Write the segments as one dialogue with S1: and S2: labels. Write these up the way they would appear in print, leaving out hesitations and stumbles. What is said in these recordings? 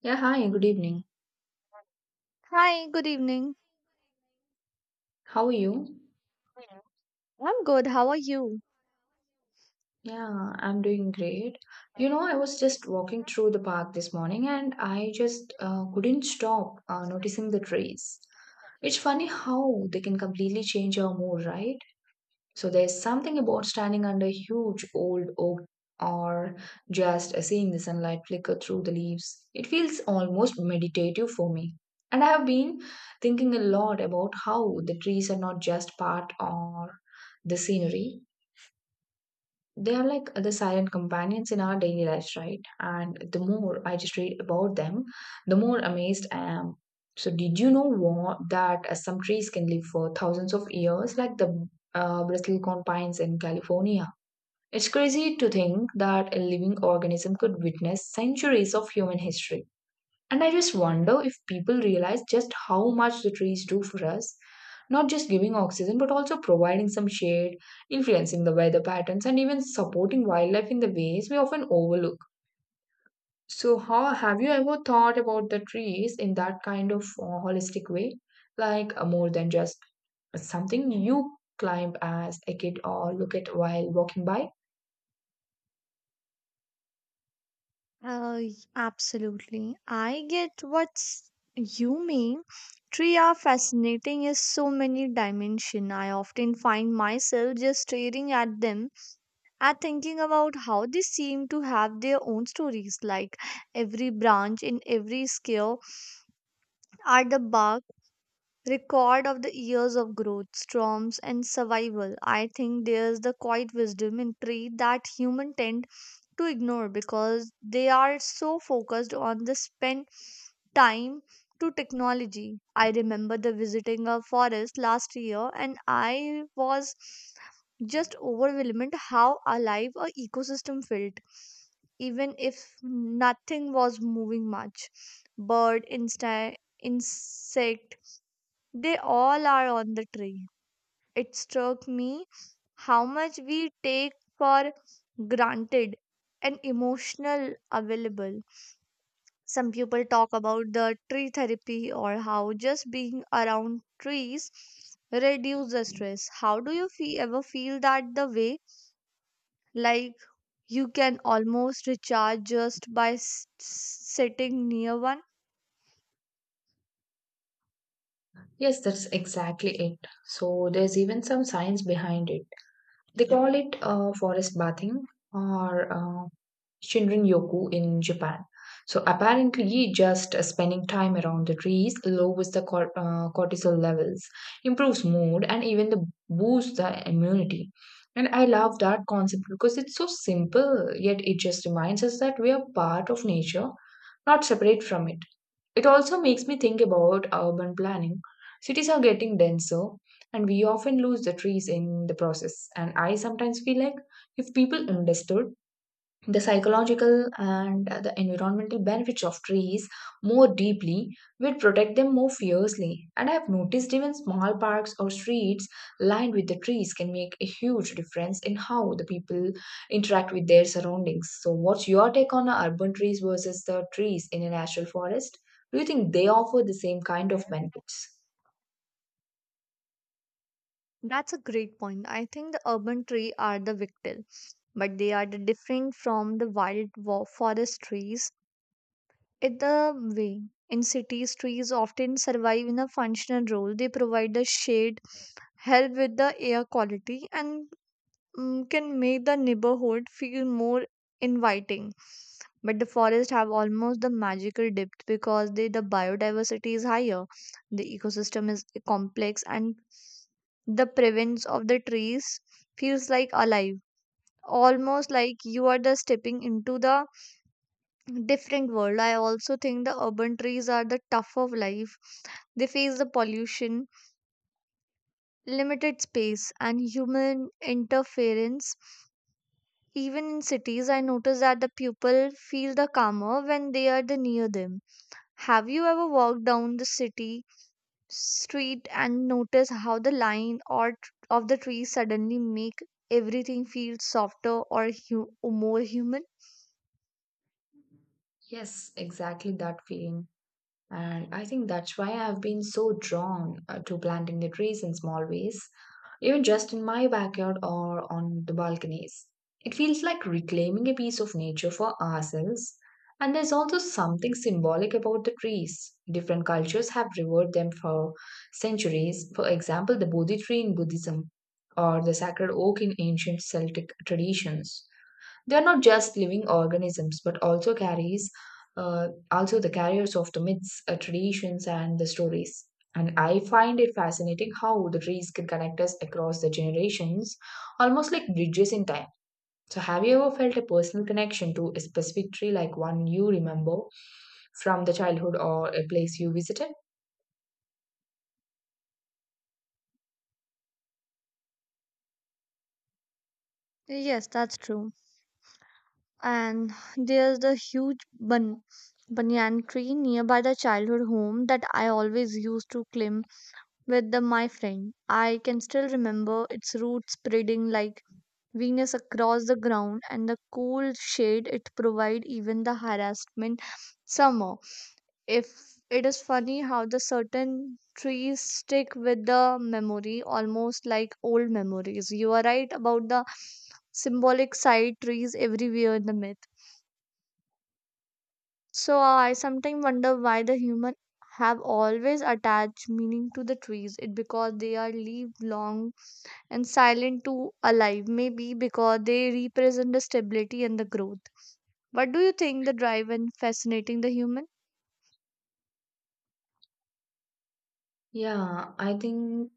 S1: Yeah, hi, good evening.
S2: Hi, good evening.
S1: How are you?
S2: I'm good. How are you?
S1: Yeah, I'm doing great. You know, I was just walking through the park this morning and I just couldn't stop noticing the trees. It's funny how they can completely change our mood, right? So there's something about standing under a huge old oak or just seeing the sunlight flicker through the leaves. It feels almost meditative for me. And I have been thinking a lot about how the trees are not just part of the scenery, they are like the silent companions in our daily lives, right? And the more I just read about them, the more amazed I am. So, did you know what, that some trees can live for thousands of years, like the bristlecone pines in California? It's crazy to think that a living organism could witness centuries of human history. And I just wonder if people realize just how much the trees do for us, not just giving oxygen, but also providing some shade, influencing the weather patterns, and even supporting wildlife in the ways we often overlook. So, how have you ever thought about the trees in that kind of holistic way? Like more than just something you climb as a kid or look at while walking by?
S2: Absolutely. I get what's you mean. Tree are fascinating is so many dimension. I often find myself just staring at them and thinking about how they seem to have their own stories. Like every branch in every scale are the bark Record of the years of growth, storms, and survival. I think there's the quiet wisdom in tree that humans tend to ignore because they are so focused on the spent time to technology. I remember the visiting a forest last year, and I was just overwhelmed how alive a ecosystem felt even if nothing was moving much, bird insect, they all are on the tree. It struck me how much we take for granted and emotional available. Some people talk about the tree therapy or how just being around trees reduce the stress. How do you ever feel that the way? Like you can almost recharge just by sitting near one?
S1: Yes, that's exactly it. So, there's even some science behind it. They call it forest bathing or Shinrin-yoku in Japan. So apparently, just spending time around the trees lowers the cortisol levels, improves mood, and even the boosts the immunity. And I love that concept because it's so simple, yet it just reminds us that we are part of nature, not separate from it. It also makes me think about urban planning. Cities are getting denser, and we often lose the trees in the process. And I sometimes feel like if people understood the psychological and the environmental benefits of trees more deeply, will protect them more fiercely. And I have noticed even small parks or streets lined with the trees can make a huge difference in how the people interact with their surroundings. So what's your take on urban trees versus the trees in a natural forest? Do you think they offer the same kind of benefits?
S2: That's a great point. I think the urban tree are the victim, but they are the different from the forest trees. In the way, in cities, trees often survive in a functional role. They provide the shade, help with the air quality, and can make the neighborhood feel more inviting. But the forests have almost the magical depth because they, the biodiversity is higher, the ecosystem is complex, and the presence of the trees feels like alive. Almost like you are the stepping into the different world. I also think the urban trees are the tough of life. They face the pollution, limited space, and human interference. Even in cities, I notice that the people feel the calmer when they are the near them. Have you ever walked down the city street and noticed how the line or of the trees suddenly make everything feel softer or more human?
S1: Yes, exactly that feeling. And I think that's why I've been so drawn to planting the trees in small ways, even just in my backyard or on the balconies. It feels like reclaiming a piece of nature for ourselves. And there's also something symbolic about the trees. Different cultures have revered them for centuries. For example, the Bodhi tree in Buddhism or the sacred oak in ancient Celtic traditions. They are not just living organisms, but also carries also the carriers of the myths, traditions, and the stories. And I find it fascinating how the trees can connect us across the generations, almost like bridges in time. So, have you ever felt a personal connection to a specific tree, like one you remember from the childhood or a place you visited?
S2: Yes, that's true. And there's the banyan tree nearby the childhood home that I always used to climb with my friend. I can still remember its roots spreading like Venus across the ground and the cool shade it provide even the harassment summer. If it is funny how the certain trees stick with the memory almost like old memories. You are right about the symbolic side trees everywhere in the myth. So I sometimes wonder why the human have always attached meaning to the trees. It because they are leaf long and silent to alive. Maybe because they represent the stability and the growth. What do you think the drive in fascinating the human?
S1: Yeah, I think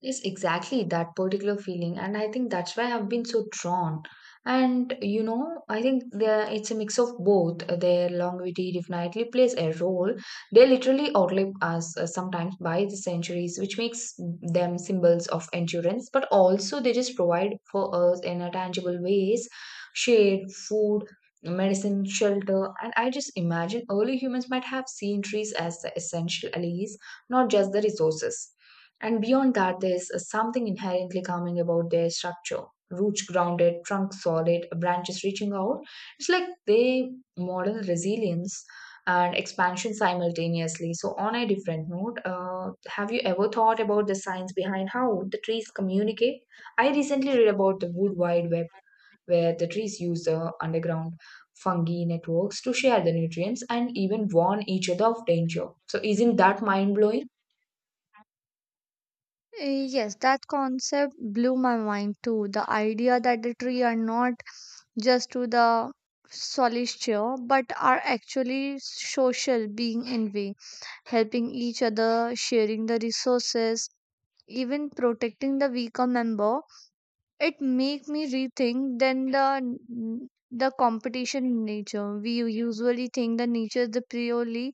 S1: Yes, exactly that particular feeling, and I think that's why I've been so drawn. And you know, I think there it's a mix of both. Their longevity definitely plays a role. They literally outlive us sometimes by the centuries, which makes them symbols of endurance. But also, they just provide for us in a tangible ways, shade, food, medicine, shelter. And I just imagine early humans might have seen trees as the essential allies, not just the resources. And beyond that, there's something inherently calming about their structure. Roots grounded, trunk solid, branches reaching out. It's like they model resilience and expansion simultaneously. So, on a different note, have you ever thought about the science behind how the trees communicate? I recently read about the Wood Wide Web, where the trees use the underground fungi networks to share the nutrients and even warn each other of danger. So, isn't that mind blowing?
S2: Yes, that concept blew my mind too. The idea that the tree are not just to the solitaire but are actually social being in way, helping each other, sharing the resources, even protecting the weaker member. It make me rethink then the competition in nature. We usually think the nature is the purely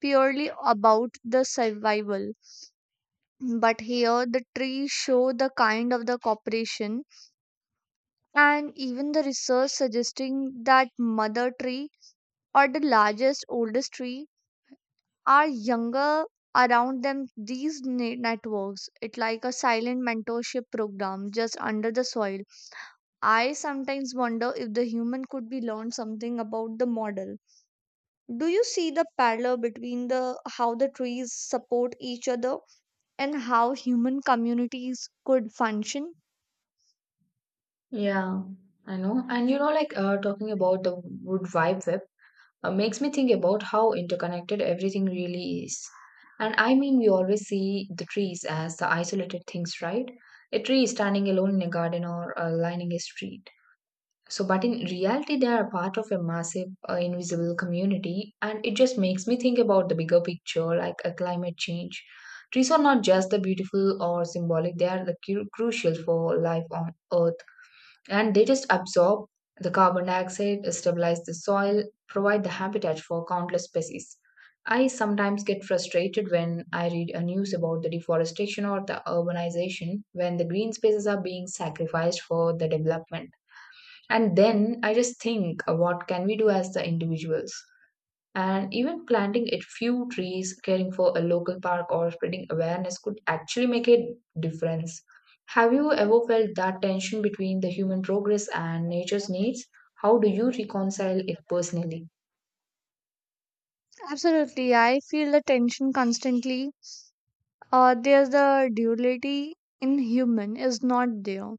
S2: purely about the survival. But here the trees show the kind of the cooperation, and even the research suggesting that mother tree or the largest oldest tree are younger around them these networks, it like a silent mentorship program just under the soil. I sometimes wonder if the human could be learned something about the model. Do you see the parallel between the how the trees support each other and how human communities could function?
S1: Yeah, I know. And you know, like talking about the Wood Wide Web makes me think about how interconnected everything really is. And I mean, we always see the trees as the isolated things, right? A tree standing alone in a garden or lining a street. So, but in reality, they are part of a massive, invisible community. And it just makes me think about the bigger picture, like a climate change. Trees are not just the beautiful or symbolic, they are the crucial for life on Earth, and they just absorb the carbon dioxide, stabilize the soil, provide the habitat for countless species. I sometimes get frustrated when I read a news about the deforestation or the urbanization when the green spaces are being sacrificed for the development. And then I just think, what can we do as the individuals? And even planting a few trees, caring for a local park, or spreading awareness could actually make a difference. Have you ever felt that tension between the human progress and nature's needs? How do you reconcile it personally?
S2: Absolutely. I feel the tension constantly. There's the duality in human is not there.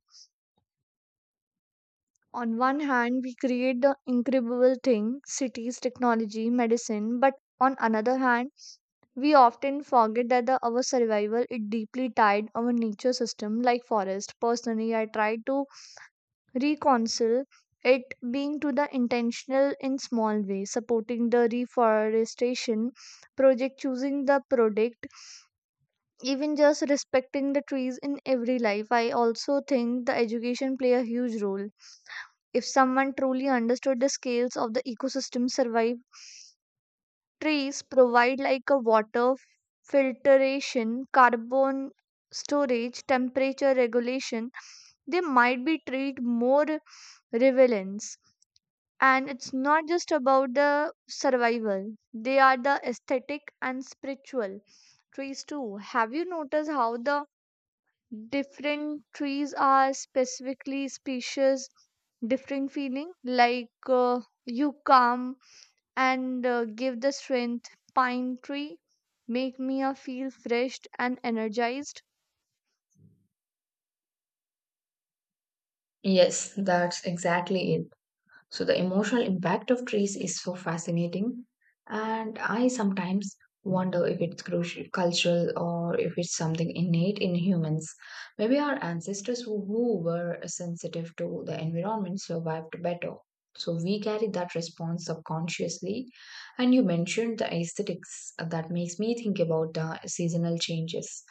S2: On one hand, we create the incredible thing, cities, technology, medicine, but on another hand, we often forget that the, our survival is deeply tied our nature system like forest. Personally, I try to reconcile it being to the intentional in small way supporting the reforestation project choosing the product, even just respecting the trees in every life. I also think the education play a huge role. If someone truly understood the scales of the ecosystem survive, trees provide like a water filtration, carbon storage, temperature regulation, they might be treated more relevance. And it's not just about the survival, they are the aesthetic and spiritual trees too. Have you noticed how the different trees are specifically species, different feeling? Like you come and give the strength, pine tree, make me feel fresh and energized.
S1: Yes, that's exactly it. So the emotional impact of trees is so fascinating, and I sometimes wonder if it's crucial, cultural or if it's something innate in humans. Maybe our ancestors who were sensitive to the environment survived better. So we carry that response subconsciously. And you mentioned the aesthetics, that makes me think about the seasonal changes.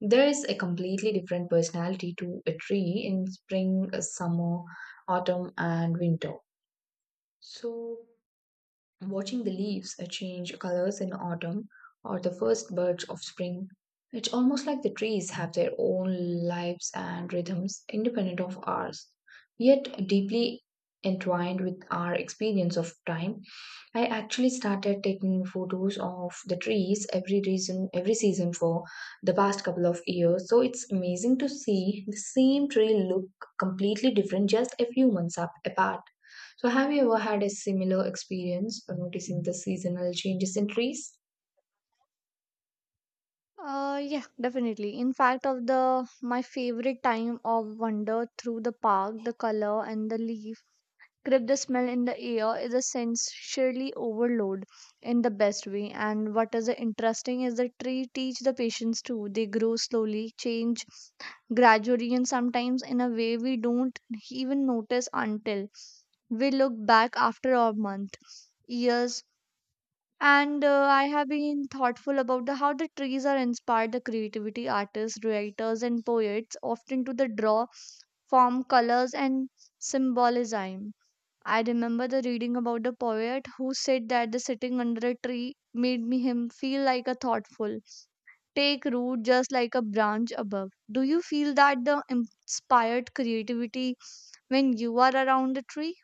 S1: There is a completely different personality to a tree in spring, summer, autumn, and winter. So, watching the leaves change colors in autumn or the first birds of spring, it's almost like the trees have their own lives and rhythms independent of ours, yet deeply entwined with our experience of time. I actually started taking photos of the trees every season for the past couple of years. So it's amazing to see the same tree look completely different just a few months up apart. So have you ever had a similar experience of noticing the seasonal changes in trees?
S2: Yeah, definitely. In fact, of the my favorite time of wander through the park, the color and the leaf Grip the smell in the air is essentially overload in the best way. And what is interesting is the tree teach the patients too. They grow slowly, change gradually, and sometimes in a way we don't even notice until we look back after a month, years. And I have been thoughtful about the, how the trees are inspired the creativity artists, writers, and poets often to the draw, form, colors, and symbolism. I remember the reading about the poet who said that the sitting under a tree made me him feel like a thoughtful take root just like a branch above. Do you feel that the inspired creativity when you are around the tree?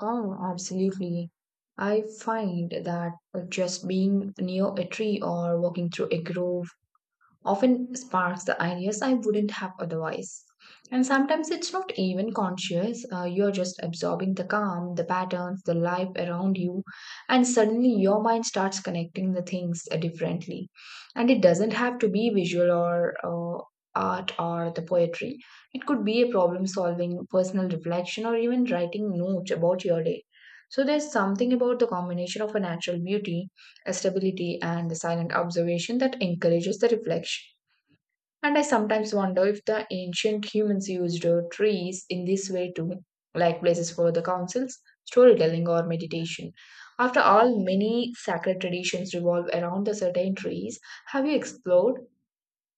S1: Oh, absolutely. I find that just being near a tree or walking through a grove often sparks the ideas I wouldn't have otherwise. And sometimes it's not even conscious, you're just absorbing the calm, the patterns, the life around you, and suddenly your mind starts connecting the things differently. And it doesn't have to be visual or art or the poetry, it could be a problem solving, personal reflection, or even writing notes about your day. So there's something about the combination of a natural beauty, stability and the silent observation that encourages the reflection. And I sometimes wonder if the ancient humans used trees in this way too, like places for the councils, storytelling, or meditation. After all, many sacred traditions revolve around the certain trees. Have you explored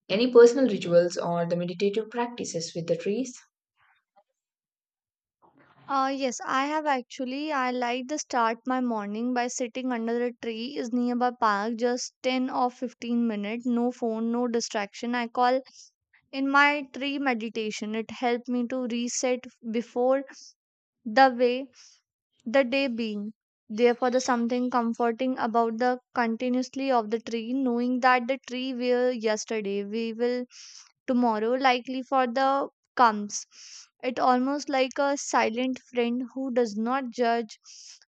S1: any personal rituals or the meditative practices with the trees?
S2: Yes, I have actually. I like to start my morning by sitting under a tree is nearby park, just 10 or 15 minutes, no phone, no distraction. I call in my tree meditation. It helped me to reset before the way the day being. Therefore, there's something comforting about the continuously of the tree, knowing that the tree we were yesterday, we will tomorrow, likely for the comes. It almost like a silent friend who does not judge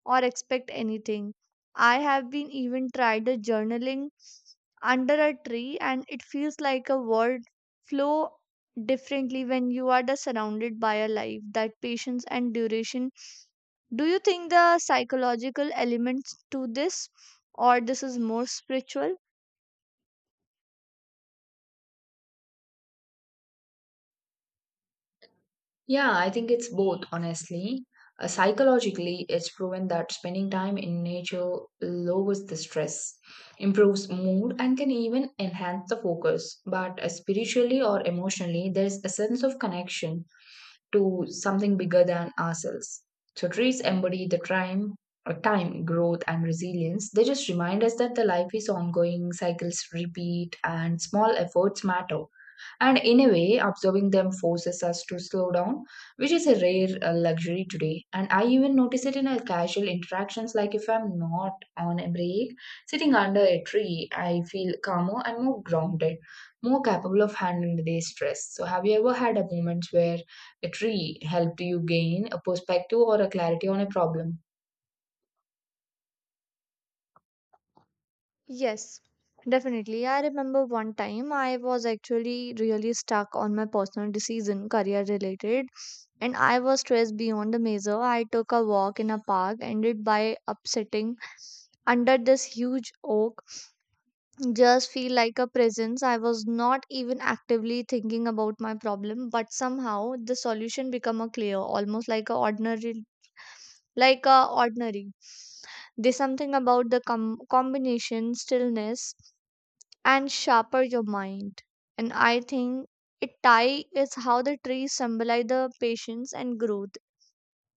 S2: or expect anything. I have been even tried the journaling under a tree, and it feels like a world flow differently when you are the surrounded by a life that patience and duration. Do you think the psychological elements to this, or this is more spiritual?
S1: Yeah, I think it's both, honestly. Psychologically, it's proven that spending time in nature lowers the stress, improves mood, and can even enhance the focus. But spiritually or emotionally, there's a sense of connection to something bigger than ourselves. So trees embody time, growth, and resilience. They just remind us that the life is ongoing, cycles repeat, and small efforts matter. And in a way, observing them forces us to slow down, which is a rare luxury today. And I even notice it in our casual interactions, like if I'm not on a break, sitting under a tree, I feel calmer and more grounded, more capable of handling the day's stress. So, have you ever had a moment where a tree helped you gain a perspective or a clarity on a problem?
S2: Yes, definitely. I remember one time I was actually really stuck on my personal decision, career related, and I was stressed beyond the measure. I took a walk in a park, ended by upsetting under this huge oak, just feel like a presence. I was not even actively thinking about my problem, but somehow the solution become a clear, almost like a ordinary like ordinary. There's something about the combination stillness and sharper your mind. And I think it tie is how the trees symbolize the patience and growth.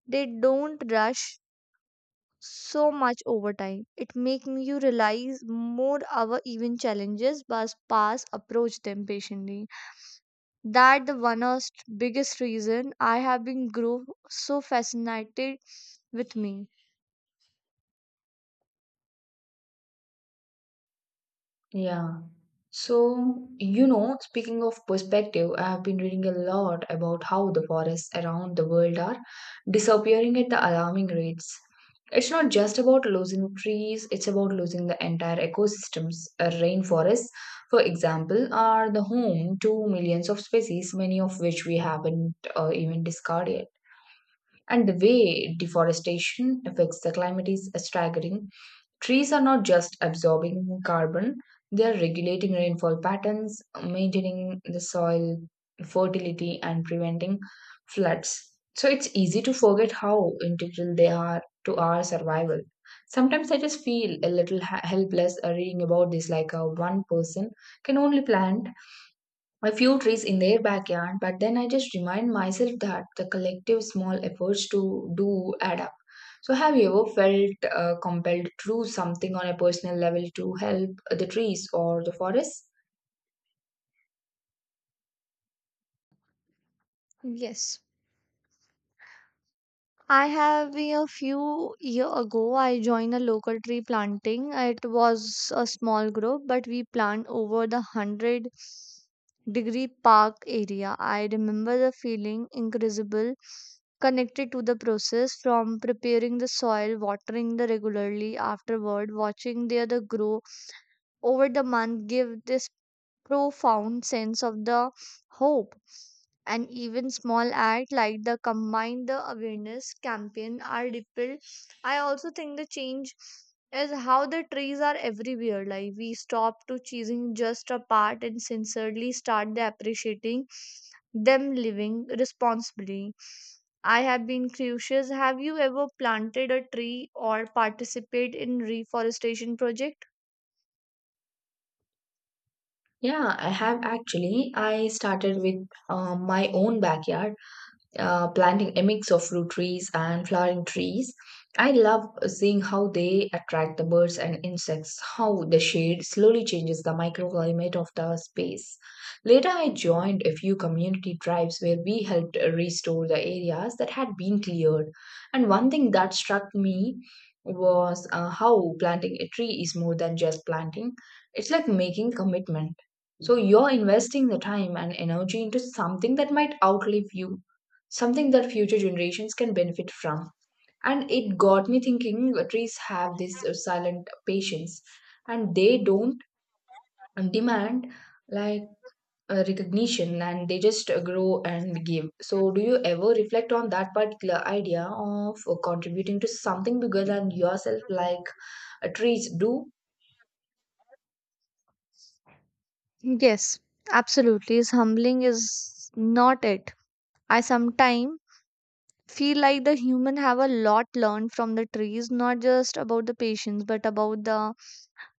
S2: They don't rush so much over time. It makes you realize more our even challenges but pass approach them patiently. That the one of biggest reason I have been grow so fascinated with me.
S1: Yeah. So, you know, speaking of perspective, I have been reading a lot about how the forests around the world are disappearing at the alarming rates. It's not just about losing trees, it's about losing the entire ecosystems. Rainforests, for example, are the home to millions of species, many of which we haven't even discarded. And the way deforestation affects the climate is staggering. Trees are not just absorbing carbon, they are regulating rainfall patterns, maintaining the soil fertility, and preventing floods. So it's easy to forget how integral they are to our survival. Sometimes I just feel a little helpless reading about this, like a one person can only plant a few trees in their backyard, but then I just remind myself that the collective small efforts to do add up. So, have you ever felt compelled to do something on a personal level to help the trees or the forest?
S2: Yes. I have a few year ago I joined a local tree planting. It was a small group, but we plant over the hundred-degree park area. I remember the feeling incredible connected to the process from preparing the soil, watering the regularly afterward, watching the other grow over the month give this profound sense of the hope, and even small act like the combine the awareness campaign are rippled. I also think the change is how the trees are everywhere, like we stop to choosing just a part and sincerely start the appreciating them living responsibly. I have been curious, have you ever planted a tree or participate in reforestation project?
S1: Yeah, I have actually. I started with my own backyard planting a mix of fruit trees and flowering trees. I love seeing how they attract the birds and insects, how the shade slowly changes the microclimate of the space. Later, I joined a few community drives where we helped restore the areas that had been cleared. And one thing that struck me was how planting a tree is more than just planting, it's like making commitment. So you're investing the time and energy into something that might outlive you, something that future generations can benefit from. And it got me thinking, trees have this silent patience, and they don't demand like recognition, and they just grow and give. So, do you ever reflect on that particular idea of contributing to something bigger than yourself, like trees do?
S2: Yes, absolutely. Is humbling is not it. I sometimes feel like the human have a lot learned from the trees, not just about the patience, but about the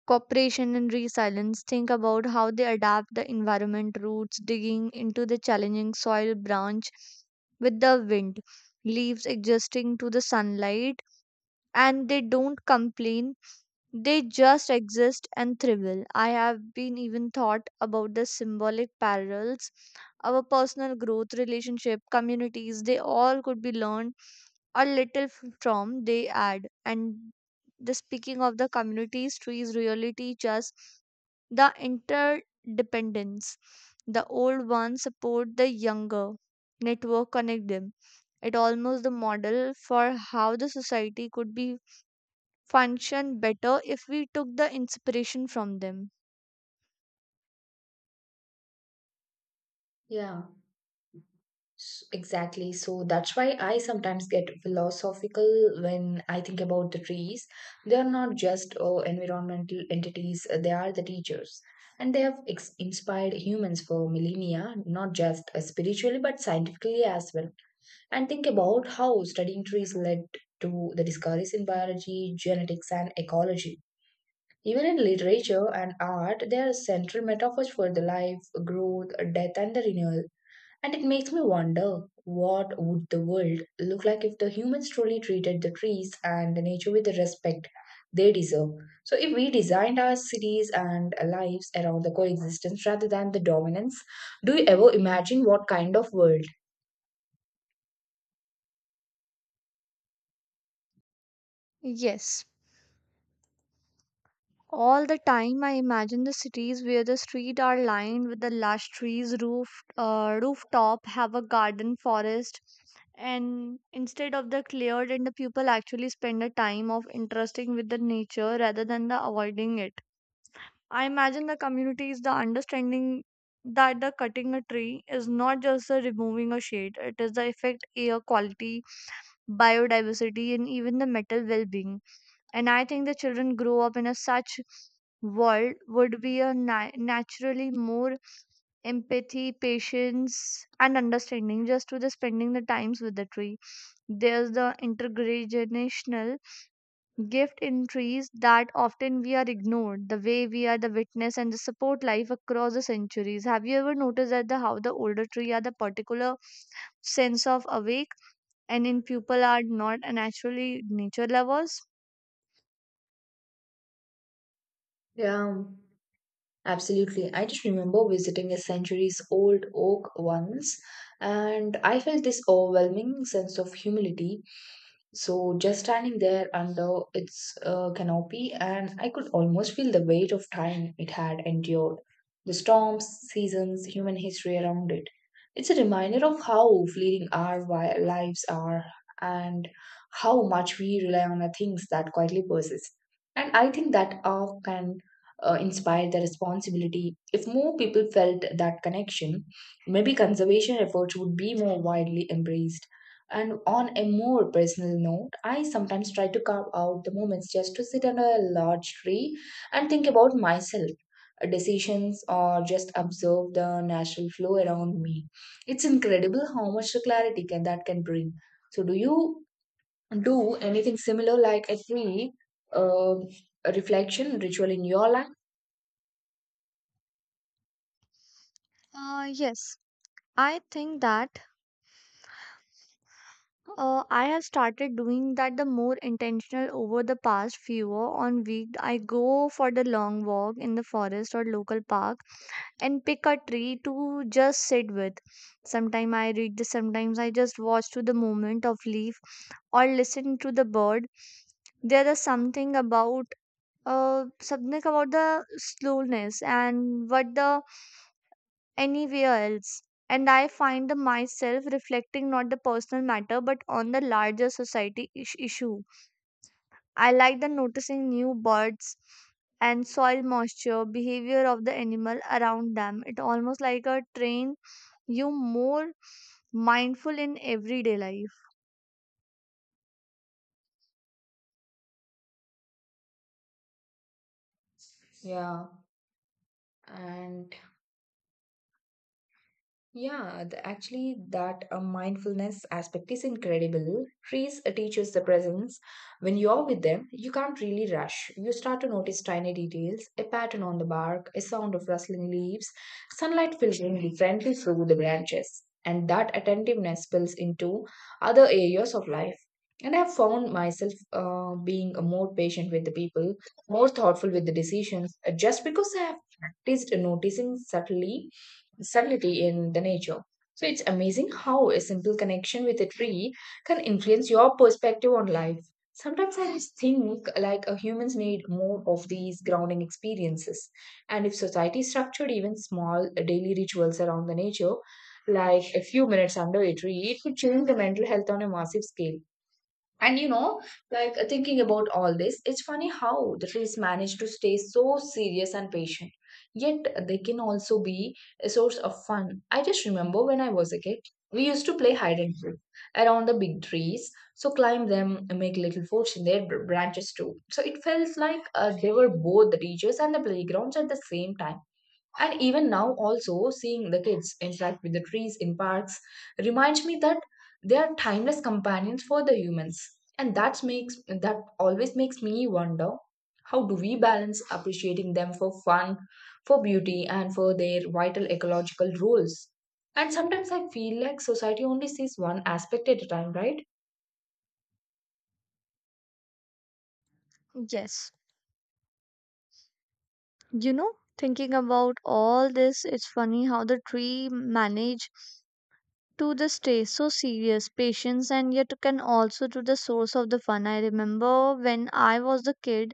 S2: cooperation and resilience. Think about how they adapt the environment roots, digging into the challenging soil branch with the wind, leaves adjusting to the sunlight, and they don't complain. They just exist and thrive. I have been even thought about the symbolic parallels our personal growth, relationship, communities, they all could be learned a little from they add. And the speaking of the communities, trees really teach us the interdependence. The old ones support the younger, network connect them. It almost the model for how the society could be function better if we took the inspiration from them.
S1: Yeah. Exactly. So that's why I sometimes get philosophical when I think about the trees. They are not just environmental entities, they are the teachers. And they have inspired humans for millennia, not just spiritually but scientifically as well. And think about how studying trees led to the discoveries in biology, genetics, and ecology. Even in literature and art, they are central metaphors for the life, growth, death, and the renewal. And it makes me wonder what would the world look like if the humans truly treated the trees and the nature with the respect they deserve. So if we designed our cities and our lives around the coexistence rather than the dominance, do you ever imagine what kind of world?
S2: Yes, all the time, I imagine the cities where the streets are lined with the lush trees, roof, rooftop have a garden forest, and instead of the cleared, and the people actually spend the time of interesting with the nature rather than the avoiding it. I imagine the communities, the understanding that the cutting a tree is not just the removing a shade; it is the effect air quality, biodiversity, and even the mental well-being. And I think the children grow up in a such world would be a naturally more empathy patience and understanding just to the spending the times with the tree. There's the intergenerational gift in trees that often we are ignored the way we are the witness and the support life across the centuries. Have you ever noticed that the how the older tree are the particular sense of awake, and in people are not naturally nature lovers?
S1: Yeah. Absolutely. I just remember visiting a centuries old oak once, and I felt this overwhelming sense of humility. So, just standing there under its canopy, and I could almost feel the weight of time it had endured, the storms, seasons, human history around it. It's a reminder of how fleeting our lives are, and how much we rely on the things that quietly persist. And I think that awe can inspired the responsibility. If more people felt that connection, maybe conservation efforts would be more widely embraced. And on a more personal note, I sometimes try to carve out the moments just to sit under a large tree and think about myself, decisions, or just observe the natural flow around me. It's incredible how much clarity can that can bring. So, do you do anything similar, like a tree uh, reflection ritual in your life?
S2: Yes, I think that I have started doing that the more intentional over the past few on week. I go for the long walk in the forest or local park and pick a tree to just sit with. Sometimes I read the sometimes I just watch to the movement of leaf or listen to the bird. There is something about the slowness and what the anywhere else. And I find the myself reflecting not the personal matter but on the larger society issue. I like the noticing new birds and soil moisture, behavior of the animal around them. It almost like a train you more mindful in everyday life.
S1: Yeah, and Yeah, actually, that mindfulness aspect is incredible. Trees teach us the presence. When you're with them, you can't really rush. You start to notice tiny details, a pattern on the bark, a sound of rustling leaves, sunlight filtering gently through the branches. And that attentiveness spills into other areas of life. And I've found myself being more patient with the people, more thoughtful with the decisions, just because I have practiced noticing subtly stability in the nature. So it's amazing how a simple connection with a tree can influence your perspective on life. Sometimes I just think like humans need more of these grounding experiences. And if society structured even small daily rituals around the nature, like a few minutes under a tree, it could change the mental health on a massive scale. And you know, like thinking about all this, it's funny how the trees manage to stay so serious and patient. Yet they can also be a source of fun. I just remember when I was a kid, we used to play hide and seek around the big trees. So climb them and make little forts in their branches too. So it felt like they were both the teachers and the playgrounds at the same time. And even now, also seeing the kids interact with the trees in parks reminds me that they are timeless companions for the humans. And that always makes me wonder how do we balance appreciating them for fun, for beauty, and for their vital ecological roles? And sometimes I feel like society only sees one aspect at a time, right?
S2: Yes. You know, thinking about all this, it's funny how the tree manage to the stress so serious patience and yet can also to the source of the fun. I remember when I was a kid,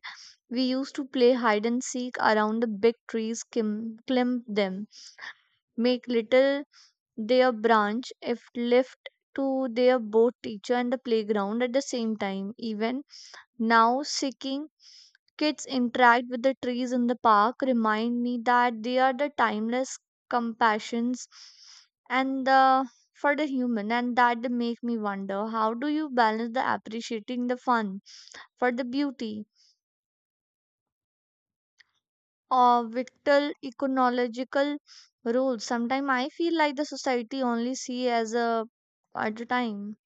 S2: we used to play hide and seek around the big trees, climb them, make little their branch if left to their both teacher and the playground at the same time. Even now, seeking kids interact with the trees in the park remind me that they are the timeless compassions and the for the human, and that they make me wonder how do you balance the appreciating the fun for the beauty or vital ecological roles. Sometimes I feel like the society only see as a at a time.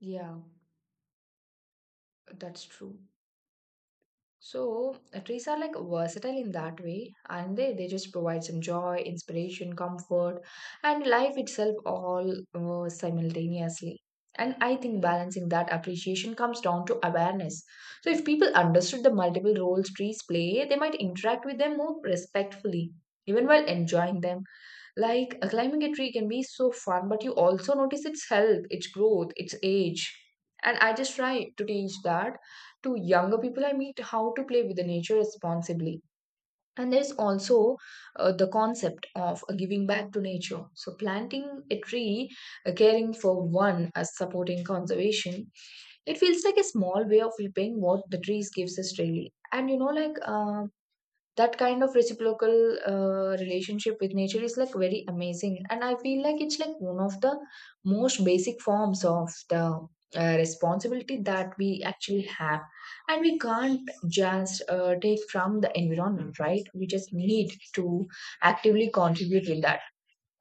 S1: Yeah, that's true. So trees are like versatile in that way, and they just provide some joy, inspiration, comfort, and life itself all simultaneously. And I think balancing that appreciation comes down to awareness. So if people understood the multiple roles trees play, they might interact with them more respectfully, even while enjoying them. Like climbing a tree can be so fun, but you also notice its health, its growth, its age. And I just try to teach that to younger people I meet how to play with the nature responsibly. And there's also the concept of giving back to nature. So, planting a tree, caring for one as supporting conservation, it feels like a small way of repaying what the trees gives us daily. And you know, like that kind of reciprocal relationship with nature is like very amazing, and I feel like it's like one of the most basic forms of the responsibility that we actually have. And we can't just take from the environment, right? We just need to actively contribute with that.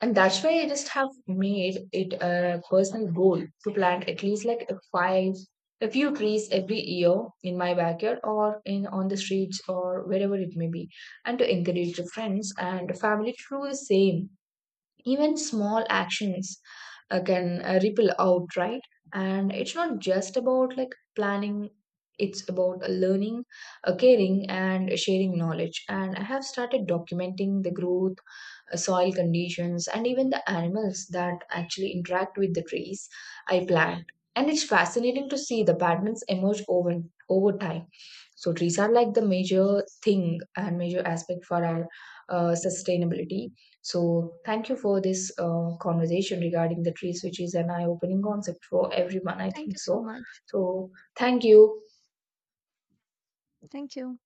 S1: And that's why I just have made it a personal goal to plant at least a few trees every year in my backyard or in on the streets or wherever it may be, and to encourage the friends and family to do the same. Even small actions can ripple out, right? And it's not just about like planning. It's about learning, caring, and sharing knowledge. And I have started documenting the growth, soil conditions, and even the animals that actually interact with the trees I plant. And it's fascinating to see the patterns emerge over time. So, trees are like the major thing and major aspect for our sustainability. So, thank you for this conversation regarding the trees, which is an eye opening concept for everyone, I
S2: Thank
S1: think
S2: you so
S1: so.
S2: much.
S1: So, thank you.
S2: Thank you.